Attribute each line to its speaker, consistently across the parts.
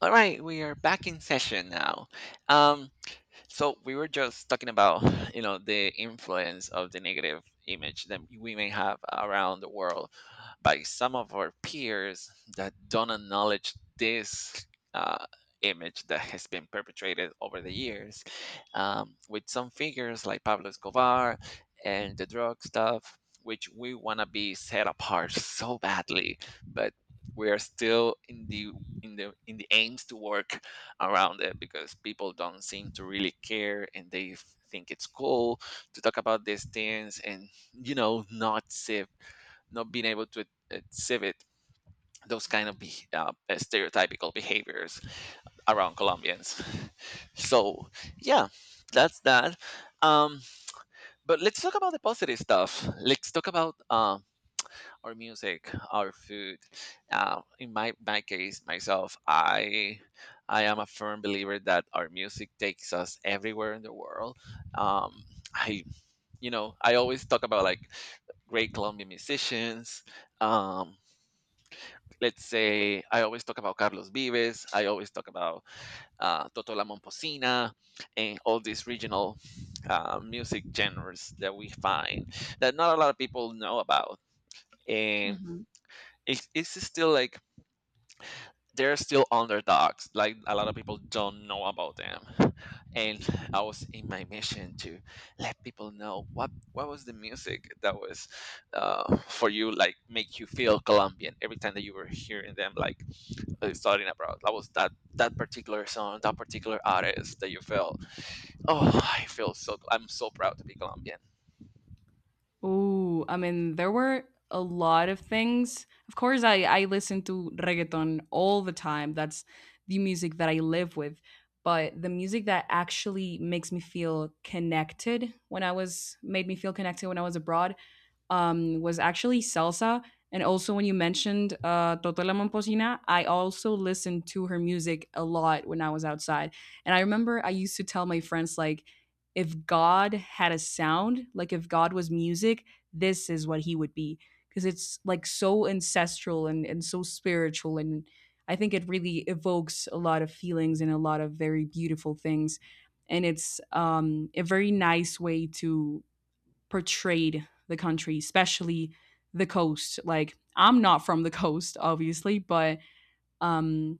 Speaker 1: All right, we are back in session now. Um, so we were just talking about, you know, the influence of the negative image that we may have around the world by some of our peers that don't acknowledge this uh, image that has been perpetrated over the years, with some figures like Pablo Escobar and the drug stuff, which we want to be set apart so badly, but we are still in the aims to work around it because people don't seem to really care and they think it's cool to talk about these things, and you know not save not being able to exhibit those kind of stereotypical behaviors around Colombians. So yeah, that's that. um but let's talk about the positive stuff. Let's talk about our music, our food. In my case, myself, I am a firm believer that our music takes us everywhere in the world. Um, I you know, I always talk about like great Colombian musicians. Um, let's say I always talk about Carlos Vives. I always talk about Toto La Momposina and all these regional music genres that we find, that not a lot of people know about. And
Speaker 2: Mhm.
Speaker 1: it's still like they're still underdogs. Like a lot of people don't know about them. And I was in my mission to let people know what was the music that was for you, like make you feel Colombian every time that you were hearing them, like starting abroad. That was that particular song, that particular artist that you felt. Oh, I feel so. I'm so proud to be Colombian.
Speaker 2: Ooh, I mean, there were a lot of things. Of course, I listen to reggaeton all the time. That's the music that I live with. But the music that actually makes me feel connected when I was made me feel connected when I was abroad was actually salsa. And also, when you mentioned Totela Momposina, I also listened to her music a lot when I was outside. And I remember I used to tell my friends, like, if God had a sound, like if God was music, this is what he would be. Because it's like so ancestral and so spiritual. And I think it really evokes a lot of feelings and a lot of very beautiful things. And it's a very nice way to portrayed the country, especially the coast. Like I'm not from the coast, obviously, but um,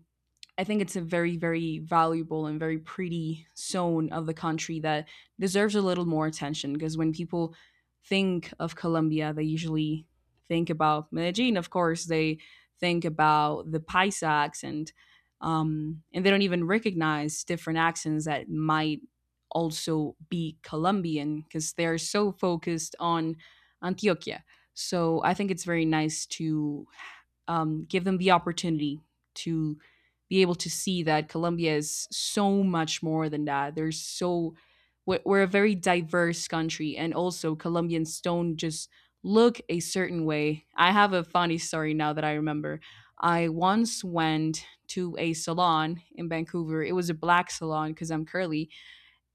Speaker 2: I think it's a very, very valuable and very pretty zone of the country that deserves a little more attention because when people think of Colombia, they usually think about Medellin, of course, they think about the Paisa accent, and they don't even recognize different accents that might also be Colombian because they're so focused on Antioquia. So I think it's very nice to give them the opportunity to be able to see that Colombia is so much more than that. There's so We're a very diverse country, and also Colombians don't just look a certain way. I have a funny story now that I remember. I once went to a salon in Vancouver. It was a black salon because I'm curly,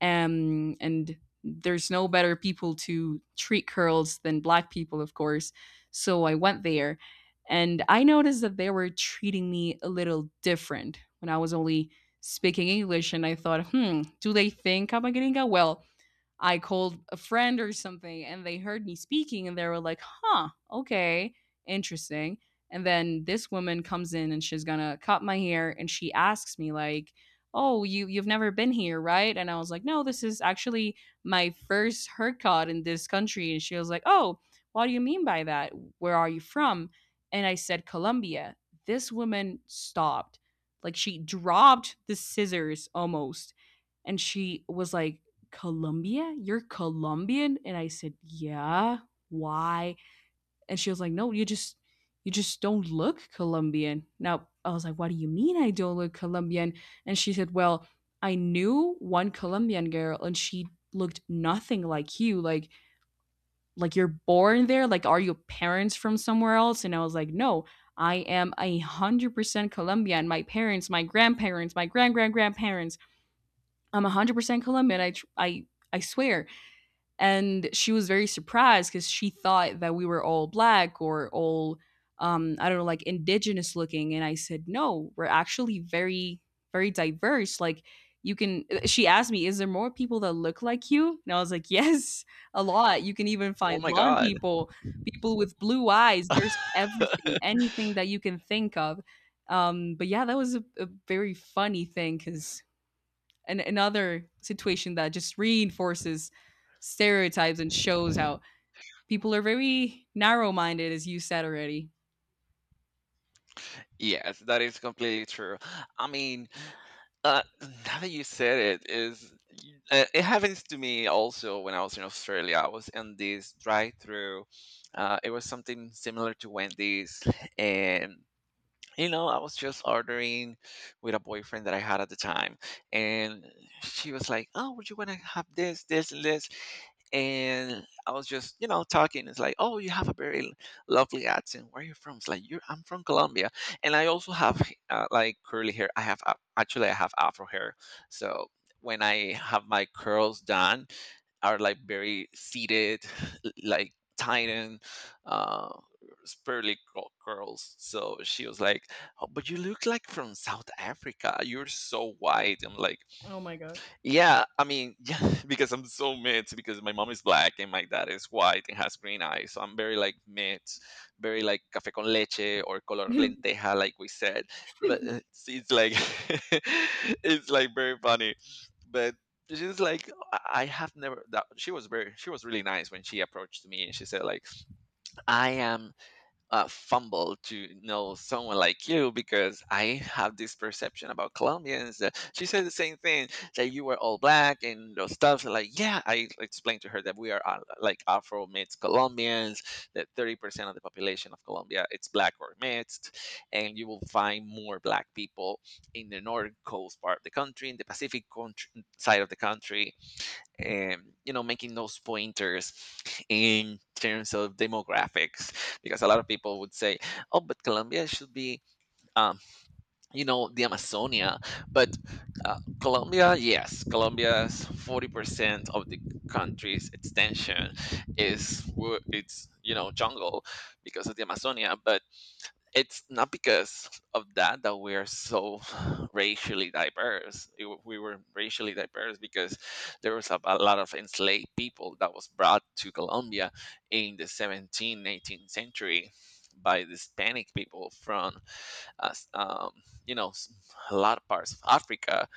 Speaker 2: and there's no better people to treat curls than black people, of course. So I went there, and I noticed that they were treating me a little different when I was only speaking English. And I thought, hmm, do they think I'm a gringa? Well, I called a friend or something and they heard me speaking and they were like, huh, okay, interesting. And then this woman comes in and she's gonna cut my hair and she asks me, like, oh, you've never been here, right? And I was like, no, this is actually my first haircut in this country. And she was like, oh, what do you mean by that? Where are you from? And I said, Colombia. This woman stopped. Like she dropped the scissors almost. And she was like, Colombia? You're Colombian? And I said, yeah. Why? And she was like, no, you just don't look Colombian. Now I was like, what do you mean I don't look Colombian? And she said, well, I knew one Colombian girl and she looked nothing like you. Like you're born there. Like, are your parents from somewhere else? And I was like, no, I am 100% Colombian. My parents, my grandparents, my grand grandparents. I'm 100% Colombian. I I swear. And she was very surprised because she thought that we were all black or all I don't know, like indigenous looking. And I said, no, we're actually very, very diverse. Like you can she asked me, is there more people that look like you? And I was like, yes, a lot. You can even
Speaker 1: Oh
Speaker 2: find
Speaker 1: my
Speaker 2: blonde
Speaker 1: God.
Speaker 2: people, people with blue eyes. There's everything, anything that you can think of. But yeah, that was a very funny thing because another situation that just reinforces stereotypes and shows how people are very narrow minded, as you said already.
Speaker 1: Yes, that is completely true. I mean, Uh, now that you said it, is it happens to me also when I was in Australia. I was in this drive-through. It was something similar to Wendy's, and you know, I was just ordering with a boyfriend that I had at the time, and she was like, "Oh, would you want to have this, this, and this?" And I was just, you know, talking. It's like, "Oh, you have a very lovely accent. Where are you from?" It's like, "You're, I'm from Colombia, and I also have like curly hair. I have actually I have afro hair, so when I have my curls done, are like very seated, like tightened. Uh, curls." So she was like, "Oh, but you look like from South Africa. You're so white." I'm like,
Speaker 2: Oh my god.
Speaker 1: "Yeah, I mean, yeah, because I'm so mixed. Because my mom is black and my dad is white and has green eyes. So I'm very like mixed, very like café con leche or color lenteja, like we said. But it's like, it's like very funny, but." She's like, I have never. That, she was really nice when she approached me, and she said like, I am fumble to know someone like you because I have this perception about Colombians. That she said the same thing, that you were all black and those stuff. Like, yeah, I explained to her that we are like Afro mixed Colombians. That 30% of the population of Colombia it's black or mixed, and you will find more black people in the north coast part of the country, in the Pacific country, side of the country, you know, making those pointers in terms of demographics, because a lot of people would say, oh, but Colombia should be, um, you know, the Amazonia, but Colombia, yes, Colombia's 40% of the country's extension it's, you know, jungle because of the Amazonia, but it's not because of that that we're so racially diverse. We were racially diverse because there was a lot of enslaved people that was brought to Colombia in the 17th, 18th century by the Hispanic people from, uh, s- um, you know, a lot of parts of Africa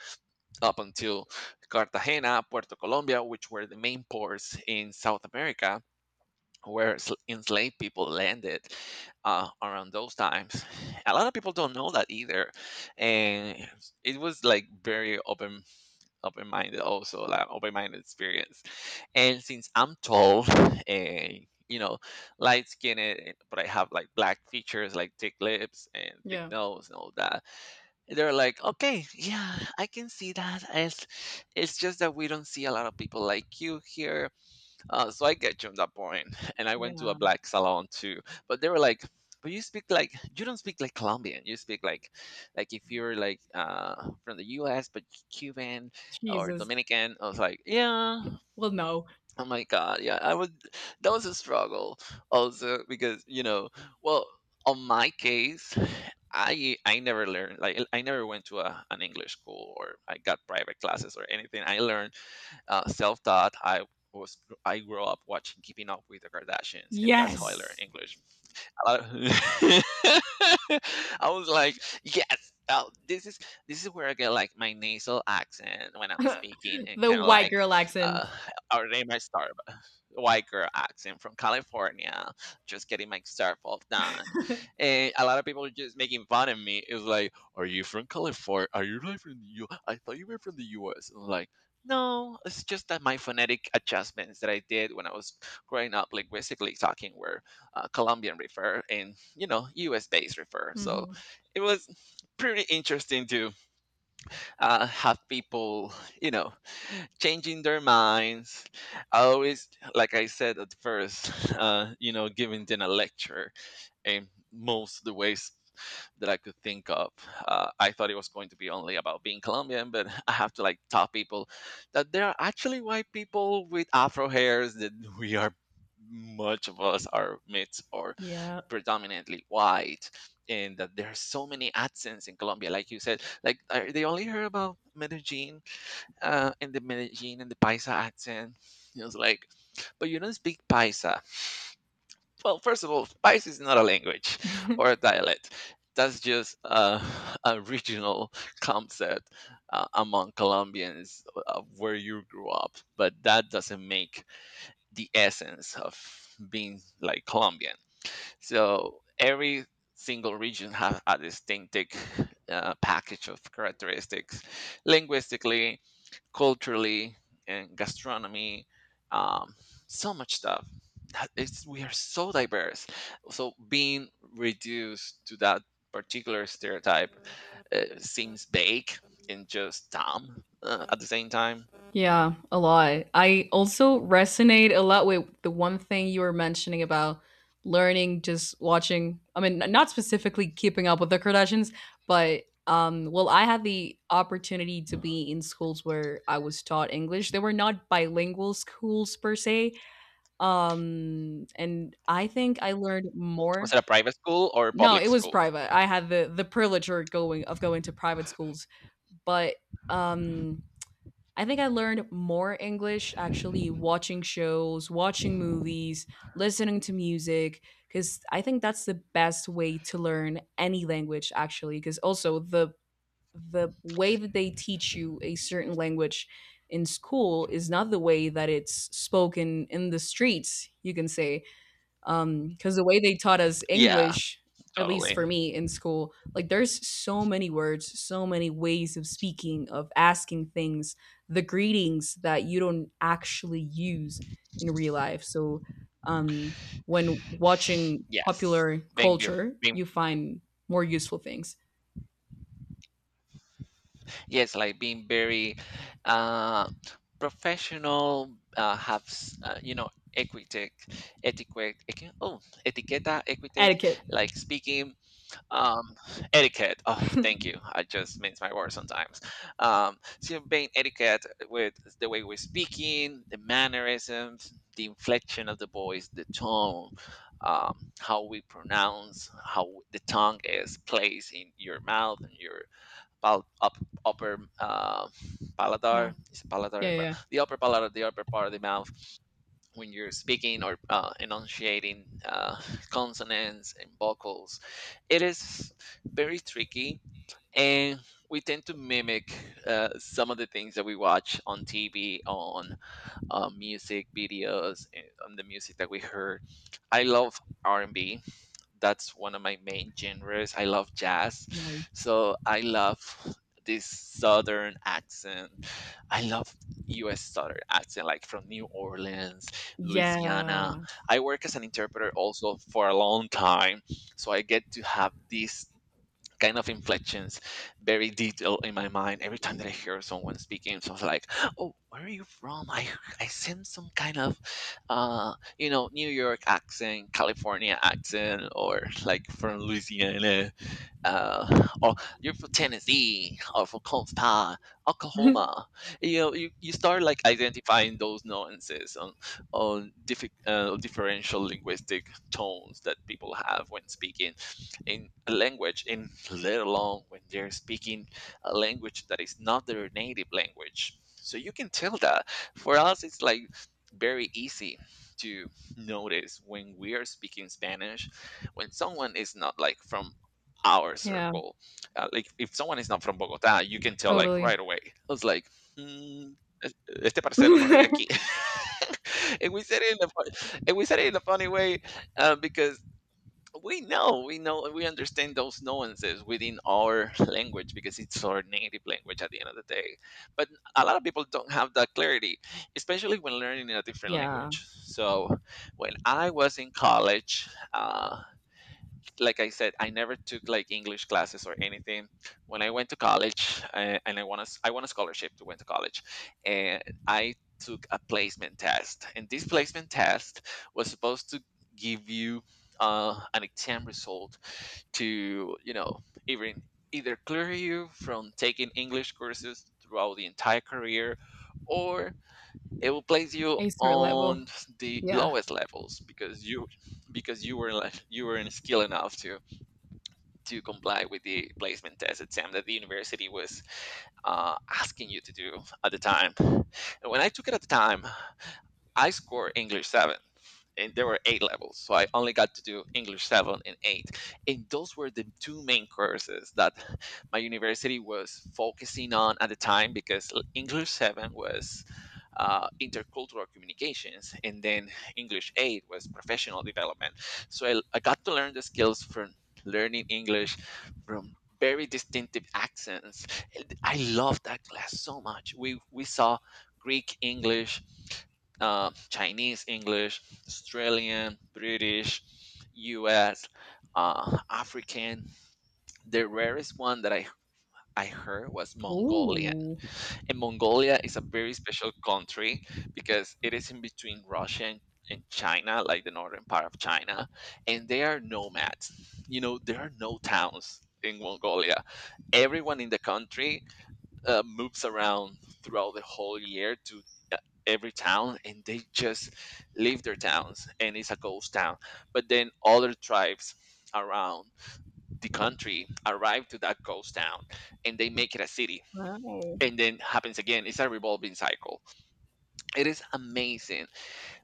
Speaker 1: up until Cartagena, Puerto Colombia, which were the main ports in South America where enslaved people landed around those times. A lot of people don't know that either, and it was like very open, open minded also, like open minded experience. And since I'm tall, and you know, light skinned, but I have like black features, like thick lips and thick
Speaker 2: Yeah.
Speaker 1: nose and all that. They're like, okay, yeah, I can see that. It's just that we don't see a lot of people like you here, so I get you on that point. And I went to a
Speaker 2: Yeah.
Speaker 1: black salon too. But they were like, but you speak like you don't speak like Colombian. You speak like if you're like from the US but Cuban or
Speaker 2: Jesus.
Speaker 1: Dominican. I was like, yeah.
Speaker 2: Well, no.
Speaker 1: Oh my god, yeah. I would That was a struggle also because, you know, well, on my case, I never learned, like I never went to an English school or I got private classes or anything. I learned self taught. Was I grew up watching Keeping Up with the Kardashians, and that's how I learned
Speaker 2: Yes.
Speaker 1: English. A lot of- I was like, yes, this is where I get like my nasal accent when I'm speaking, and
Speaker 2: The
Speaker 1: kind of
Speaker 2: white
Speaker 1: like,
Speaker 2: girl
Speaker 1: uh,
Speaker 2: accent.
Speaker 1: or they might start white girl accent from California, just getting my stuff all done. And a lot of people are just making fun of me. It's like, are you from California? Are you really from the U? I thought you were from the U.S. And I'm like, no, it's just that my phonetic adjustments that I did when I was growing up linguistically talking were Colombian refer, and you know, U.S. based refer. So
Speaker 2: Mm-hmm.
Speaker 1: it was pretty interesting to have people, you know, changing their minds. I always, like I said at first, you know, giving them a lecture in most of the ways that I could think of. I thought it was going to be only about being Colombian, but I have to like tell people that there are actually white people with afro hairs, that we are much of us are mixed or
Speaker 2: Yeah.
Speaker 1: predominantly white, and that there are so many accents in Colombia like you said, like they only heard about Medellin and the Medellin and the Paisa accent. It was like, but you don't speak Paisa. Well, first of all, Spice is not a language or a dialect. That's just a, a regional concept among Colombians, where you grew up, but that doesn't make the essence of being like Colombian. So every single region has a distinctive package of characteristics, linguistically, culturally, and gastronomy. Um, so much stuff. That it's we are so diverse. So being reduced to that particular stereotype seems vague and just dumb at the same time.
Speaker 2: Yeah, a lot. I also resonate a lot with the one thing you were mentioning about learning just watching. I mean, not specifically keeping up with the Kardashians, but well, I had the opportunity to be in schools where I was taught English. They were not bilingual schools per se. And I think I learned more.
Speaker 1: Was it a private school or a
Speaker 2: No,
Speaker 1: public
Speaker 2: it was
Speaker 1: school?
Speaker 2: private. I had the privilege or going of going to private schools, but um I think I learned more English actually watching shows, watching movies, listening to music, because I think that's the best way to learn any language actually. Because also the way that they teach you a certain language in school is not the way that it's spoken in the streets, you can say. Because the way they taught us
Speaker 1: Yeah,
Speaker 2: English, at least
Speaker 1: totally.
Speaker 2: for me in school, like there's so many words, so many ways of speaking, of asking things, the greetings that you don't actually use in real life. So, um, when watching
Speaker 1: Yes,
Speaker 2: popular
Speaker 1: being be-
Speaker 2: culture,
Speaker 1: being
Speaker 2: you find more useful things.
Speaker 1: yes, like being very uh, professional, you know, etiquette, oh, etiqueta, etiquette,
Speaker 2: Etiquette.
Speaker 1: like speaking, um, etiquette. Oh, thank you. I just mince my words sometimes. So being etiquette with the way we're speaking, the mannerisms, the inflection of the voice, the tone, how we pronounce, how the tongue is placed in your mouth and your pal- up, upper
Speaker 2: Yeah.
Speaker 1: palatar, is it
Speaker 2: Yeah,
Speaker 1: palatar, well
Speaker 2: yeah.
Speaker 1: the upper palatar, the upper part of the mouth when you're speaking or enunciating consonants and vocals, it is very tricky, and we tend to mimic some of the things that we watch on TV, on music videos, and on the music that we heard. I love R&B, that's one of my main genres. I love jazz.
Speaker 2: Nice.
Speaker 1: So I love this southern accent. I love US southern accent, like from New Orleans, Louisiana.
Speaker 2: Yeah.
Speaker 1: I work as an interpreter also for a long time. So I get to have this kind of inflections very detailed in my mind every time that I hear someone speaking. So I was like, oh, where are you from? I sense some kind of uh you know, New York accent, California accent, or like from Louisiana, or you're from Tennessee, or from Consta, Oklahoma. You know, you start like identifying those nuances on differential linguistic tones that people have when speaking in a language, and let alone when they're speaking a language that is not their native language. So you can tell that. For us, it's like very easy to notice when we are speaking Spanish, when someone is not like from our
Speaker 2: Yeah,
Speaker 1: circle. Like if someone is not from Bogotá, you can tell like right
Speaker 2: totally.
Speaker 1: away. I was like, "Mm, es- este parcero no es de aquí." And we said it in a funny way because we know we understand those nuances within our language because it's our native language at the end of the day. But a lot of people don't have that clarity, especially when learning in a different
Speaker 2: Yeah,
Speaker 1: language. So when I was in college, like I said, I never took like English classes or anything. When I went to college, and I won a scholarship to went to college, and I took a placement test. And this placement test was supposed to give you an exam result to, you know, either clear you from taking English courses throughout the entire career, or it will place you
Speaker 2: a certain level.
Speaker 1: on the
Speaker 2: Yeah.
Speaker 1: lowest levels because you were like you were in skill enough to comply with the placement test exam that the university was asking you to do at the time. And when I took it at the time, I scored English 7. And there were eight levels, so I only got to do English 7 and 8. And those were the two main courses that my university was focusing on at the time because English 7 was intercultural communications, and then English 8 was professional development. So I got to learn the skills from learning English from very distinctive accents. And I loved that class so much. We saw Greek English, Chinese English, Australian, British, U.S., African. The rarest one that I heard was Mongolian.
Speaker 2: Ooh,
Speaker 1: And Mongolia is a very special country because it is in between Russia and China, like the northern part of China, and they are nomads. You know, there are no towns in Mongolia. Everyone in the country moves around throughout the whole year to uh, every town, and they just leave their towns and it's a ghost town. But then other tribes around the country arrive to that ghost town and they make it a city,
Speaker 2: wow.
Speaker 1: and then happens again. It's a revolving cycle. It is amazing,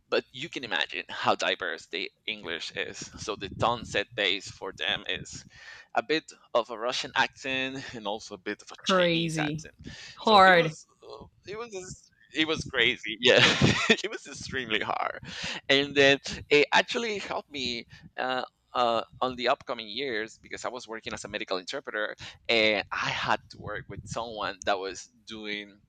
Speaker 1: but you can imagine how diverse the English is. So the tone set base for them is a bit of a Russian accent and also a bit of a Chinese
Speaker 2: Crazy.
Speaker 1: accent. So it
Speaker 2: Hard.
Speaker 1: was it was crazy. Yeah, it was extremely hard, and then it actually helped me. Uh, on the upcoming years, because I was working as a medical interpreter, and I had to work with someone that was doing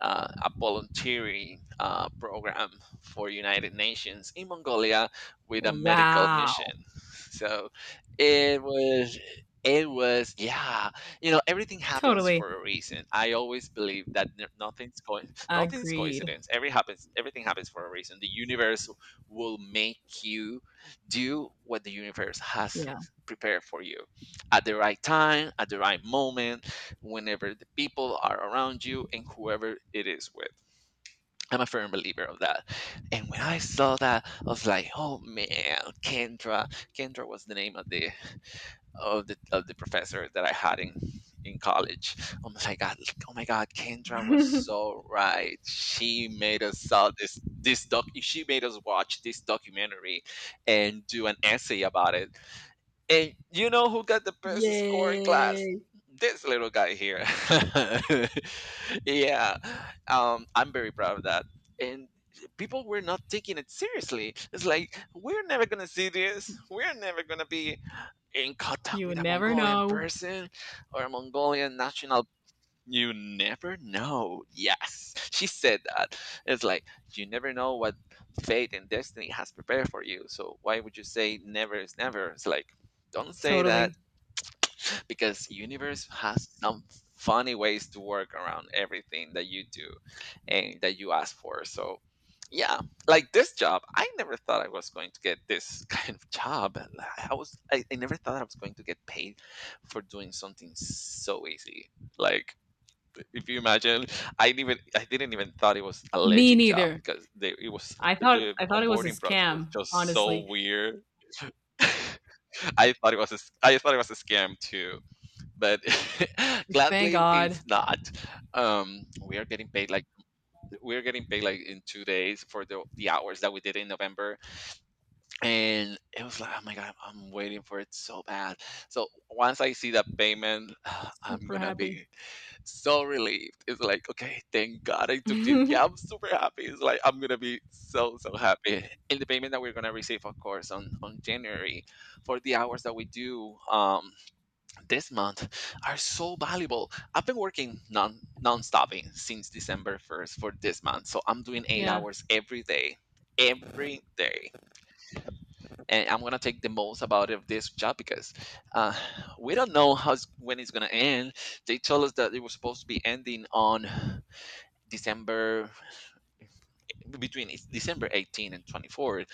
Speaker 1: a volunteering program for United Nations in Mongolia with a medical
Speaker 2: Wow.
Speaker 1: mission. So it was, it was, yeah, you know, everything happens
Speaker 2: Totally
Speaker 1: for a reason. I always believe that nothing's going nothing's
Speaker 2: agreed.
Speaker 1: coincidence, everything happens for a reason. The universe will make you do what the universe has
Speaker 2: Yeah.
Speaker 1: prepared for you at the right time, at the right moment, whenever the people are around you and whoever it is with. I'm a firm believer of that. And when I saw that, I was like, "Oh man, Kendra!" Kendra was the name of the of the professor that I had in college. Oh my god! Oh my god! Kendra was so right. She made us saw this doc. She made us watch this documentary and do an essay about it. And you know who got the best score in class?
Speaker 2: Yay.
Speaker 1: This little guy here. Yeah, I'm very proud of that. And people were not taking it seriously. It's like, we're never going to see this. We're never going to be in contact
Speaker 2: You
Speaker 1: with
Speaker 2: would
Speaker 1: a
Speaker 2: never
Speaker 1: Mongolian
Speaker 2: know.
Speaker 1: person or a Mongolian national. You never know. Yes, she said that. It's like you never know what fate and destiny has prepared for you. So why would you say never is never? It's like, don't say that
Speaker 2: Totally.
Speaker 1: because universe has some funny ways to work around everything that you do and that you ask for. So yeah, like this job, I never thought I was going to get this kind of job. I never thought I was going to get paid for doing something so easy. Like, if you imagine, I didn't even thought it was a
Speaker 2: Me
Speaker 1: legit job
Speaker 2: neither.
Speaker 1: because it was, the
Speaker 2: I thought it was a
Speaker 1: onboarding process was
Speaker 2: scam,
Speaker 1: just so
Speaker 2: honestly.
Speaker 1: weird. I thought it was a scam too, but
Speaker 2: Thank
Speaker 1: gladly
Speaker 2: God.
Speaker 1: it's not. Um, we are getting paid like, we're getting paid like in 2 days for the hours that we did in November. And it was like, oh my god, I'm waiting for it so bad. So once I see that payment, I'm
Speaker 2: Super
Speaker 1: gonna
Speaker 2: happy.
Speaker 1: be so relieved. It's like, okay, thank God I took this. Yeah, I'm super happy. It's like, I'm gonna be so so happy. And the payment that we're gonna receive, of course, on January for the hours that we do, um, this month are so valuable. I've been working non-stopping since December 1st for this month, so I'm doing eight
Speaker 2: Yeah.
Speaker 1: hours every day. Every day. And I'm gonna take the most about of this job because, uh, we don't know how when it's gonna end. They told us that it was supposed to be ending on December, between December 18 and 24,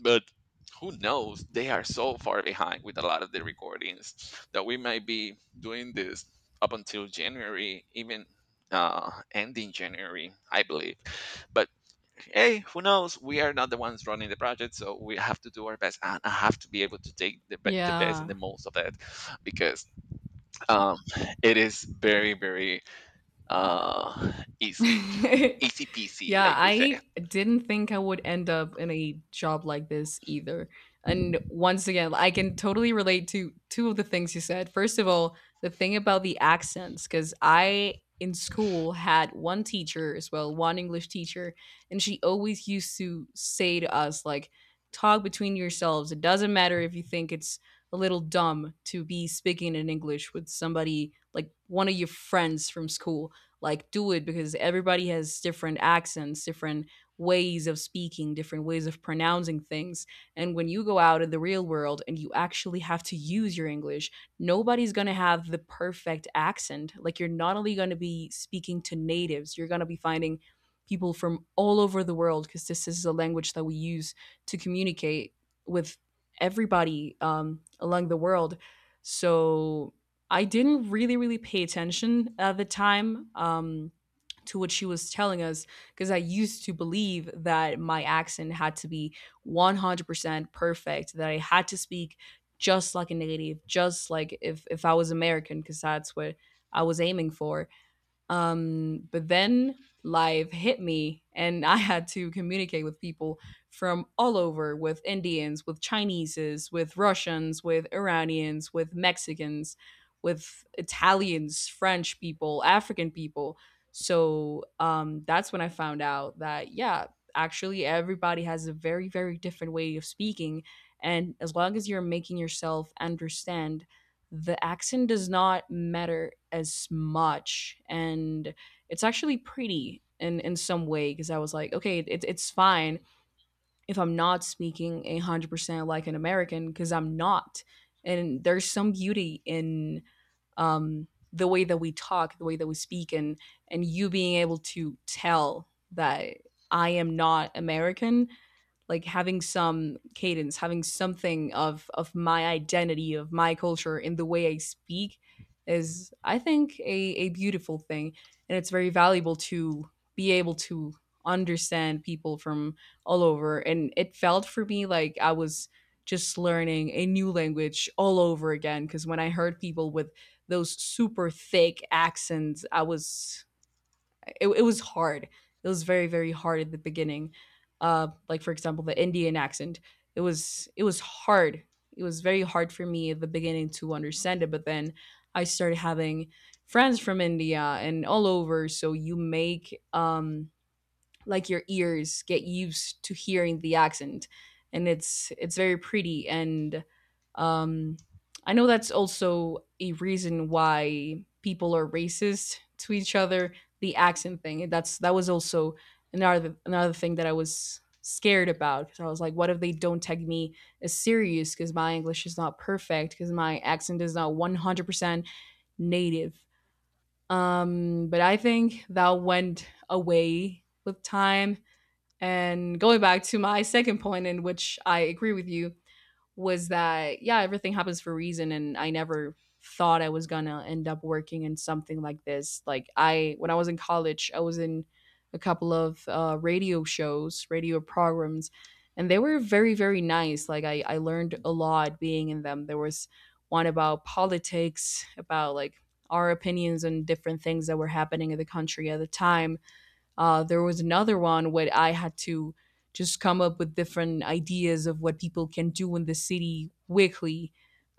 Speaker 1: but who knows? They are so far behind with a lot of the recordings that we might be doing this up until January, even ending January, I believe. But hey, who knows? We are not the ones running the project, so we have to do our best, and I have to be able to take the best and
Speaker 2: Yeah.
Speaker 1: the most of it, because, um, it is very, very, uh, easy, easy peasy,
Speaker 2: Yeah,
Speaker 1: like we say.
Speaker 2: I didn't think I would end up in a job like this either. And once again, I can totally relate to two of the things you said. First of all, the thing about the accents, because I in school had one teacher as well, one English teacher, and she always used to say to us, like, talk between yourselves. It doesn't matter if you think it's a little dumb to be speaking in English with somebody like one of your friends from school, like do it, because everybody has different accents, different ways of speaking, different ways of pronouncing things. And when you go out in the real world and you actually have to use your English, nobody's going to have the perfect accent. Like you're not only going to be speaking to natives, you're going to be finding people from all over the world because this is a language that we use to communicate with everybody, along the world. So I didn't really, really pay attention at the time to what she was telling us because I used to believe that my accent had to be 100% perfect, that I had to speak just like a native, just like if I was American, because that's what I was aiming for. But then life hit me, and I had to communicate with people from all over, with Indians, with Chineses, with Russians, with Iranians, with Mexicans, with Italians, French people, African people. So that's when I found out that, yeah, actually everybody has a very, very different way of speaking. And as long as you're making yourself understand, the accent does not matter as much, and it's actually pretty in some way, because I was like, okay, it's fine if I'm not speaking 100% like an American because I'm not. And there's some beauty in um the way that we talk, the way that we speak, and you being able to tell that I am not American, like having some cadence, having something of my identity, of my culture in the way I speak is, I think, a beautiful thing. And it's very valuable to be able to understand people from all over. And it felt for me like I was just learning a new language all over again. Cause when I heard people with those super thick accents, I was it was hard. It was very, very hard at the beginning. Like for example, the Indian accent. It was hard. It was very hard for me at the beginning to understand it, but then I started having friends from India and all over. So you make like your ears get used to hearing the accent, and it's very pretty and um I know that's also a reason why people are racist to each other, the accent thing. That was also another thing that I was scared about, because I was like, what if they don't take me as serious because my English is not perfect, because my accent is not 100% native. But I think that went away with time. And going back to my second point, in which I agree with you, was that, yeah, everything happens for a reason. And I never thought I was going to end up working in something like this. Like, when I was in college, I was in a couple of radio shows, radio programs, and they were very, very nice. Like, I learned a lot being in them. There was one about politics, about like our opinions on different things that were happening in the country at the time. There was another one where I had to just come up with different ideas of what people can do in the city weekly,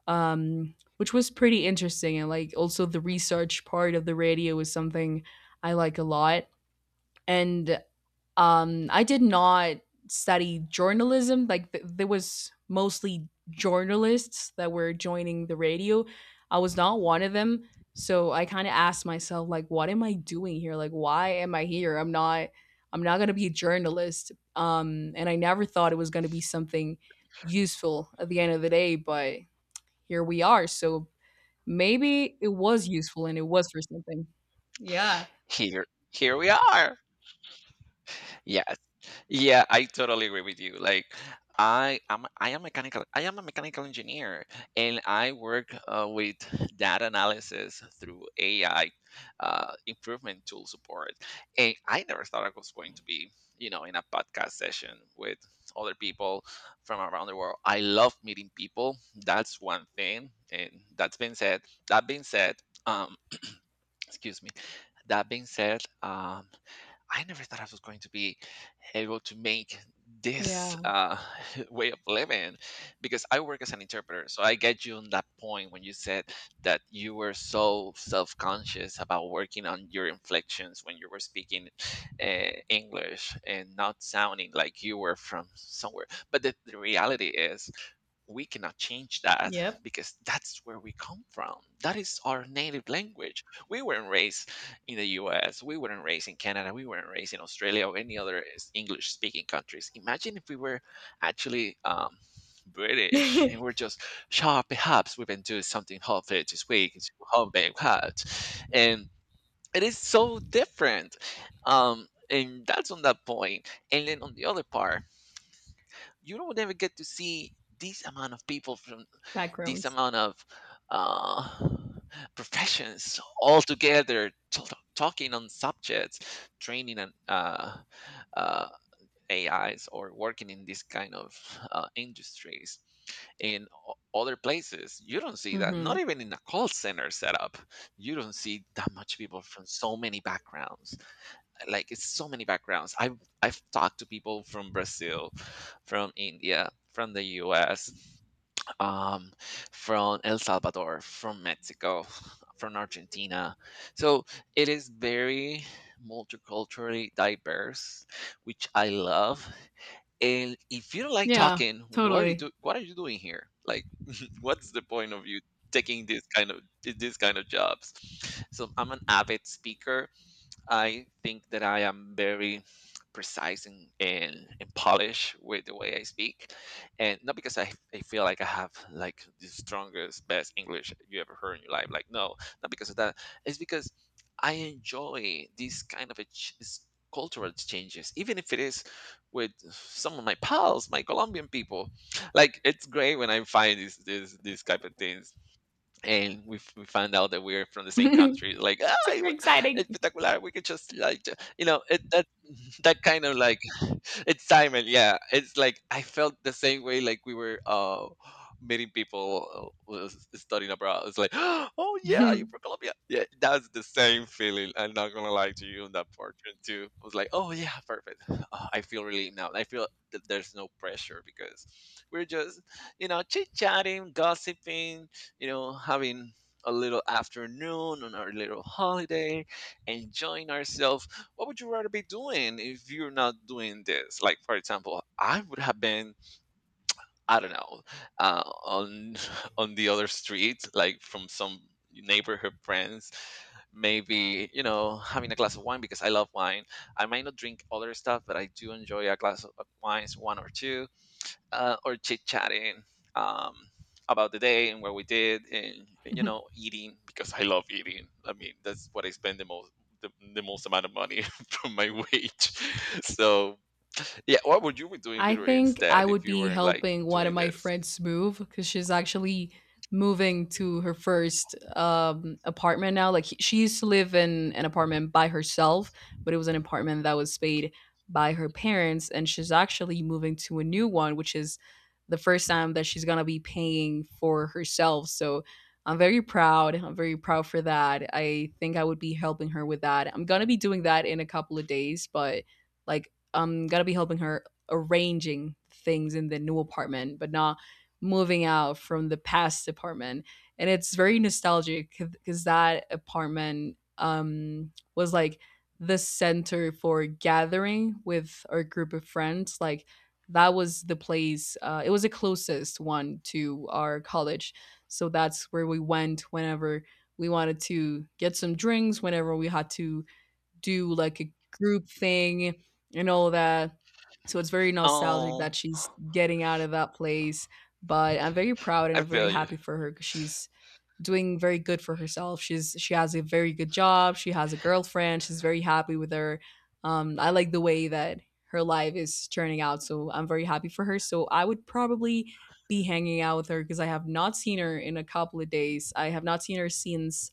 Speaker 2: which was pretty interesting. And like also the research part of the radio is something I like a lot. And I did not study journalism. Like there was mostly journalists that were joining the radio. I was not one of them. So I kind of asked myself, like, what am I doing here? Like, why am I here? I'm not going to be a journalist. And I never thought it was going to be something useful at the end of the day, but here we are. So maybe it was useful and it was for something. Yeah.
Speaker 1: Here, here we are. Yes. Yeah, I totally agree with you. Like, I am a mechanical engineer, and I work with data analysis through AI improvement tool support. And I never thought I was going to be, you know, in a podcast session with other people from around the world. I love meeting people. That's one thing. And that's been said. That being said, um, excuse me. That being said, I never thought I was going to be able to make this
Speaker 2: Yeah.
Speaker 1: way of living because I work as an interpreter. So I get you on that point when you said that you were so self conscious about working on your inflections when you were speaking English and not sounding like you were from somewhere. But the reality is, we cannot change that
Speaker 2: Yep.
Speaker 1: because that's where we come from. That is our native language. We weren't raised in the US, we weren't raised in Canada, we weren't raised in Australia or any other English speaking countries. Imagine if we were actually, British and we're just, sure, perhaps we can do something hopefully this week, it's homemade hat. And it is so different. And that's on that point. And then on the other part, you don't ever get to see this amount of people from this
Speaker 2: Backgrounds.
Speaker 1: amount of uh, professions all together talking on subjects, training and, uh, ais, or working in this kind of industries in other places. You don't see that, not
Speaker 2: Mhm.
Speaker 1: even in a call center setup. You don't see that much people from so many backgrounds. Like, it's so many backgrounds. I've talked to people from Brazil, from India, from the US, um, from El Salvador, from Mexico, from Argentina. So it is very multiculturally diverse, which I love. And if you don't like
Speaker 2: Yeah,
Speaker 1: talking,
Speaker 2: totally.
Speaker 1: what are you doing here? Like, what's the point of you taking this kind of, jobs? So I'm an avid speaker. I think that I am very precise and, polished with the way I speak. And not because I feel like I have like the strongest, best English you ever heard in your life. Like, no, not because of that. It's because I enjoy these kind of cultural exchanges, even if it is with some of my pals, my Colombian people. Like, it's great when I find these type of things and we find out that we're from the same country, like,
Speaker 2: Super exciting.
Speaker 1: espectacular. We could just like ju- you know it that that kind of like excitement. Yeah, it's like I felt the same way. Like, we were meeting people, who was studying abroad. It's like oh yeah, you're from Colombia. Yeah, that's the same feeling. I'm not gonna lie to you, on that portrait too I was like, oh yeah, perfect. Ah, I feel relieved now. I feel that there's no pressure because we're just, you know, chit chatting, gossiping, you know, having a little afternoon on our little holiday, enjoying ourselves. What would you rather be doing if you're not doing this? Like, for example, I would have been, I don't know, on on the other street, like from some neighborhood friends, maybe, you know, having a glass of wine because I love wine. I might not drink other stuff, but I do enjoy a glass of wines, one or two, or chit chatting, um, about the day and what we did, and you know, eating because I love eating. I mean, that's what I spend the most, the most amount of money from my wage. So yeah, what would you be doing,
Speaker 2: I
Speaker 1: Peter,
Speaker 2: think
Speaker 1: instead,
Speaker 2: I
Speaker 1: if
Speaker 2: would
Speaker 1: you
Speaker 2: be
Speaker 1: weren't like
Speaker 2: helping one of
Speaker 1: doing
Speaker 2: my
Speaker 1: this?
Speaker 2: friends move because she's actually moving to her first apartment now. Like she used to live in an apartment by herself, but it was an apartment that was paid by her parents, and she's actually moving to a new one, which is the first time that she's gonna be paying for herself. So I'm very proud. I'm very proud for that. I think I would be helping her with that. I'm gonna be doing that in a couple of days, but like I'm gonna be helping her arranging things in the new apartment, but not moving out from the past apartment. And it's very nostalgic because that apartment was like the center for gathering with our group of friends. Like that was the place, it was the closest one to our college. So that's where we went whenever we wanted to get some drinks, whenever we had to do like a group thing and all that. So it's very nostalgic
Speaker 1: Oh,
Speaker 2: that she's getting out of that place. But I'm very proud and
Speaker 1: I
Speaker 2: I'm very
Speaker 1: feel you.
Speaker 2: happy for her because she's doing very good for herself. She's she has a very good job. She has a girlfriend. She's very happy with her. I like the way that her life is turning out. So I'm very happy for her. So I would probably be hanging out with her because I have not seen her in a couple of days. I have not seen her since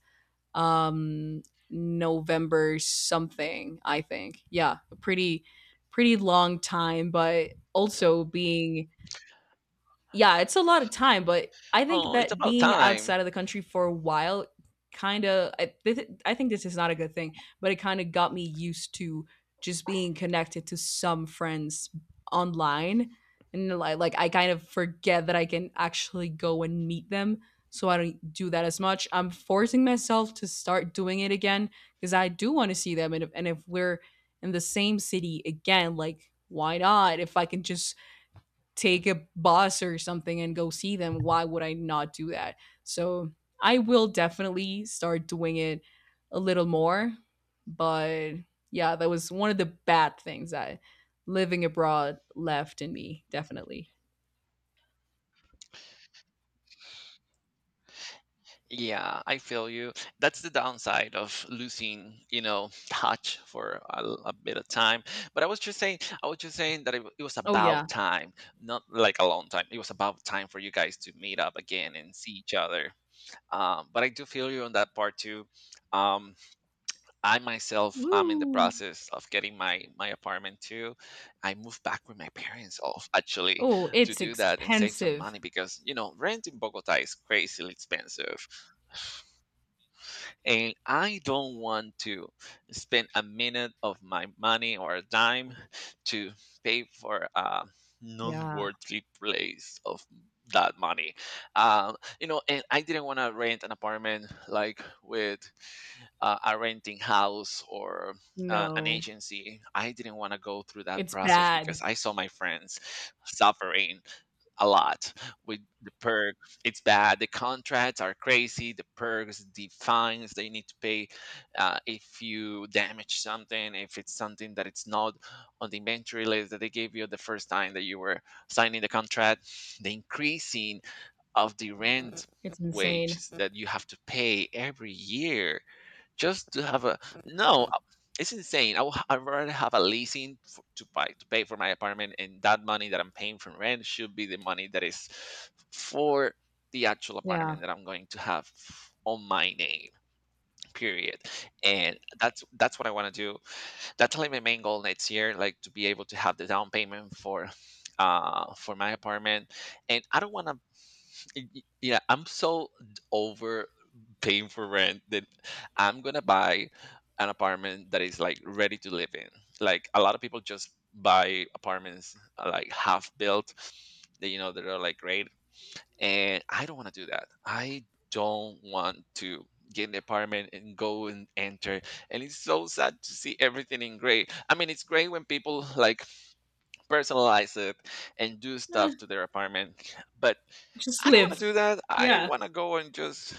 Speaker 2: um November something, I think. Yeah, a pretty long time, but also being, yeah, it's a lot of time, but I think
Speaker 1: Oh, it's
Speaker 2: that
Speaker 1: about
Speaker 2: being
Speaker 1: time.
Speaker 2: outside of the country for a while kind of, I think this is not a good thing, but it kind of got me used to just being connected to some friends online and, like, I kind of forget that I can actually go and meet them. So I don't do that as much. I'm forcing myself to start doing it again because I do want to see them, and if we're in the same city again, like, why not? If I can just take a bus or something and go see them, why would I not do that? So I will definitely start doing it a little more. But yeah, that was one of the bad things that living abroad left in me, definitely.
Speaker 1: Yeah, I feel you. That's the downside of losing, you know, touch for a bit of time. But I was just saying, I was just saying that it was
Speaker 2: Oh, yeah.
Speaker 1: about time, not like a long time. It was about time for you guys to meet up again and see each other. But I do feel you on that part too. Um, I myself, I'm in the
Speaker 2: Woo.
Speaker 1: process of getting my apartment too. I moved back with my parents off actually
Speaker 2: Oh,
Speaker 1: to
Speaker 2: it's
Speaker 1: do that and save some
Speaker 2: expensive.
Speaker 1: money because, you know, rent in Bogota is crazily expensive, and I don't want to spend a minute of my money or a dime to pay for a
Speaker 2: Yeah.
Speaker 1: non-worthy place of that money. You know, and I didn't want to rent an apartment like with a renting house or an
Speaker 2: No,
Speaker 1: agency. I didn't want to go through that
Speaker 2: it's
Speaker 1: process because
Speaker 2: bad.
Speaker 1: I saw my friends suffering a lot with the perk. It's bad. The contracts are crazy. The perks, the fines they need to pay, if you damage something, if it's something that it's not on the inventory list that they gave you the first time that you were signing the contract, the increasing of the rent
Speaker 2: It's insane.
Speaker 1: wages that you have to pay every year just to have a no, it's insane. I'd rather have a leasing f to buy to pay for my apartment, and that money that I'm paying for rent should be the money that is for the actual
Speaker 2: Yeah.
Speaker 1: apartment that I'm going to have on my name. Period. And that's what I want to do. That's like my main goal next year, like to be able to have the down payment for my apartment. And I don't want to yeah, over paying for rent that I'm gonna buy an apartment that is like ready to live in, like a lot of people just buy apartments, like half built, that, you know, that are like great, and I don't want to do that. I don't want to get an apartment and go and enter, and it's so sad to see everything in gray. I mean, it's great when people like personalize it and do stuff
Speaker 2: Eh,
Speaker 1: to their apartment, but
Speaker 2: just
Speaker 1: I don't want
Speaker 2: live.
Speaker 1: to do that. I
Speaker 2: Yeah.
Speaker 1: want to go and just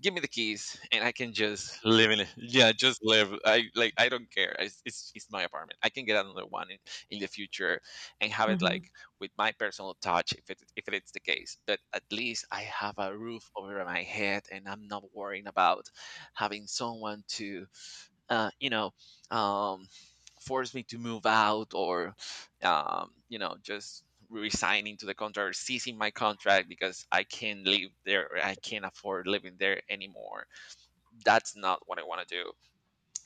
Speaker 1: give me the keys, and I can just live in it. Yeah, just live. I like. I don't care. It's it's my apartment. I can get another one in the future, and have it
Speaker 2: Hmm.
Speaker 1: like with my personal touch, if it if it's the case. But at least I have a roof over my head, and I'm not worrying about having someone to you know, um, force me to move out, or, you know, just resigning to the contract or ceasing my contract because I can't live there, or I can't afford living there anymore. That's not what I want to do.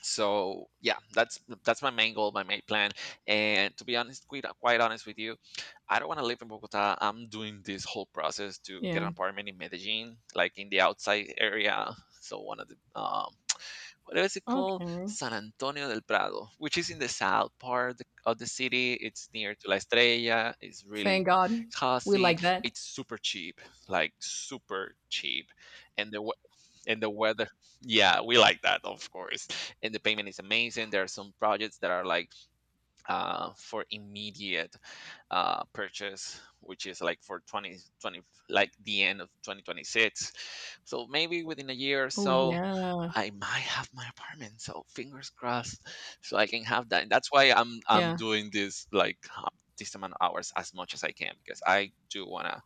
Speaker 1: So yeah, that's my main goal, my main plan. And to be honest, quite honest with you, I don't want to live in Bogota. I'm doing this whole process to get an
Speaker 2: Yeah.
Speaker 1: apartment in Medellin, like in the outside area. So one of the, what is it called?
Speaker 2: Okay.
Speaker 1: San Antonio del Prado, which is in the south part of the city. It's near to La Estrella. It's really
Speaker 2: Thank God. We
Speaker 1: cozy.
Speaker 2: like that.
Speaker 1: It's super cheap, like super cheap, and and the weather. Yeah, we like that, of course. And the payment is amazing. There are some projects that are like, for immediate purchase, which is like for 2020, like the end of 2026. So maybe within a year or
Speaker 2: Oh,
Speaker 1: so,
Speaker 2: yeah.
Speaker 1: I might have my apartment. So fingers crossed, so I can have that. And that's why I'm
Speaker 2: Yeah,
Speaker 1: doing this, like, this amount of hours as much as I can, because I do wanna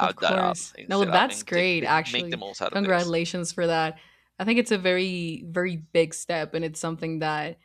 Speaker 2: of
Speaker 1: that up
Speaker 2: course.
Speaker 1: and
Speaker 2: No,
Speaker 1: set up
Speaker 2: that's
Speaker 1: and take
Speaker 2: great,
Speaker 1: the, make the
Speaker 2: actually.
Speaker 1: most out of this.
Speaker 2: Congratulations for that. I think it's a very, very big step, and it's something that,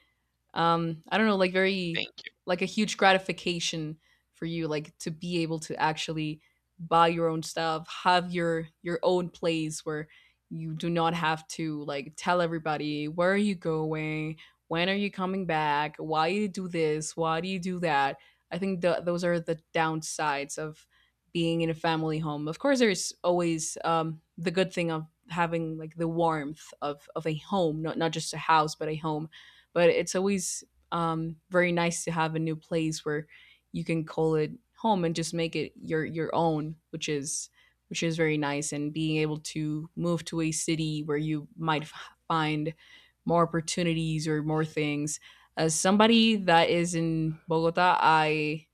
Speaker 2: I don't know, like,
Speaker 1: Thank
Speaker 2: very
Speaker 1: you.
Speaker 2: like a huge gratification for you, like to be able to actually buy your own stuff, have your own place where you do not have to like tell everybody where are you going, when are you coming back, why do you do this, why do you do that. I think those are the downsides of being in a family home. Of course, there's always, the good thing of having like the warmth of a home, not just a house but a home. But it's always, very nice to have a new place where you can call it home and just make it your own, which is very nice. And being able to move to a city where you might find more opportunities or more things. As somebody that is in Bogota, I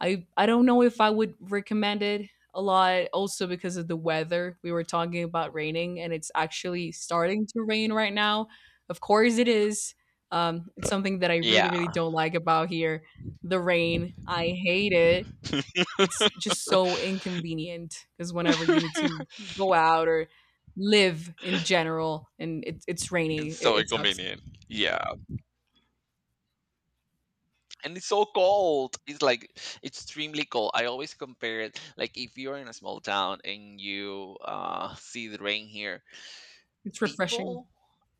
Speaker 2: I I don't know if I would recommend it, a lot also because of the weather. We were talking about raining and it's actually starting to rain right now. Of course it is. It's something that I really, really
Speaker 1: Yeah,
Speaker 2: don't like about here. The rain. I hate it. It's just so inconvenient because whenever you need to go out or live in general and it's rainy,
Speaker 1: it's so
Speaker 2: it sucks.
Speaker 1: inconvenient. Yeah. And it's so cold. It's like extremely cold. I always compare it, like, if you're in a small town and you see the rain here,
Speaker 2: It's refreshing.
Speaker 1: people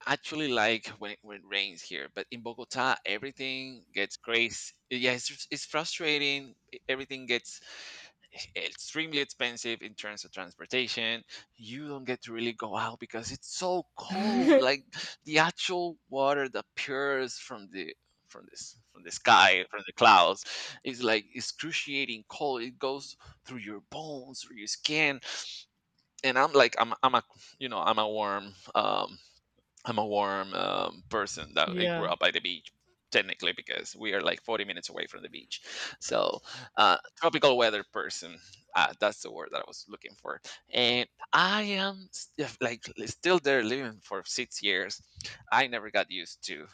Speaker 1: actually like when, when it rains here, but in Bogota everything gets crazy. Yeah, it's frustrating. Everything gets extremely expensive in terms of transportation. You don't get to really go out because it's so cold. Like, the actual water that pours from this, from the sky, from the clouds, is like excruciating cold. It goes through your bones, through your skin, and I'm like, I'm a, you know, I'm a warm, person, that I grew
Speaker 2: Yeah.
Speaker 1: up by the beach, technically, because we are like 40 minutes away from the beach. So, tropical weather person. That's the word that I was looking for. And I am s- if, like li- still there living for 6 years, I never got used to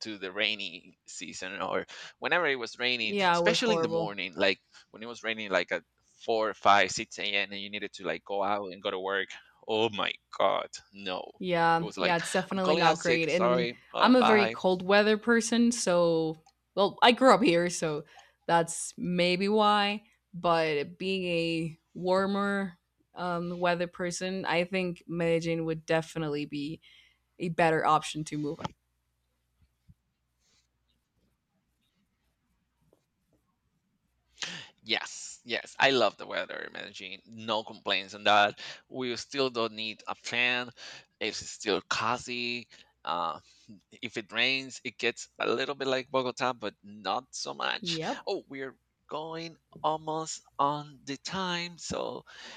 Speaker 1: the rainy season, or whenever it was raining,
Speaker 2: Yeah, it was
Speaker 1: especially in the
Speaker 2: horrible.
Speaker 1: morning, like when it was raining like at 4, 5, 6 a.m. and you needed to like go out and go to work. Oh my God, no, it
Speaker 2: Yeah,
Speaker 1: was
Speaker 2: yeah,
Speaker 1: like,
Speaker 2: it's
Speaker 1: I'm
Speaker 2: definitely
Speaker 1: calling out
Speaker 2: not
Speaker 1: sick.
Speaker 2: great. And
Speaker 1: Sorry.
Speaker 2: I'm a very
Speaker 1: Bye.
Speaker 2: cold weather person, so, well, I grew up here, so that's maybe why. But being a warmer weather person, I think Medellin would definitely be a better option to move.
Speaker 1: Yes, yes. I love the weather, man. Jean. No complaints on that. We still don't need a fan. It's still cozy. Uh, if it rains, it gets a little bit like Bogota, but not so much.
Speaker 2: Yep.
Speaker 1: Oh, we're going almost on the time. So,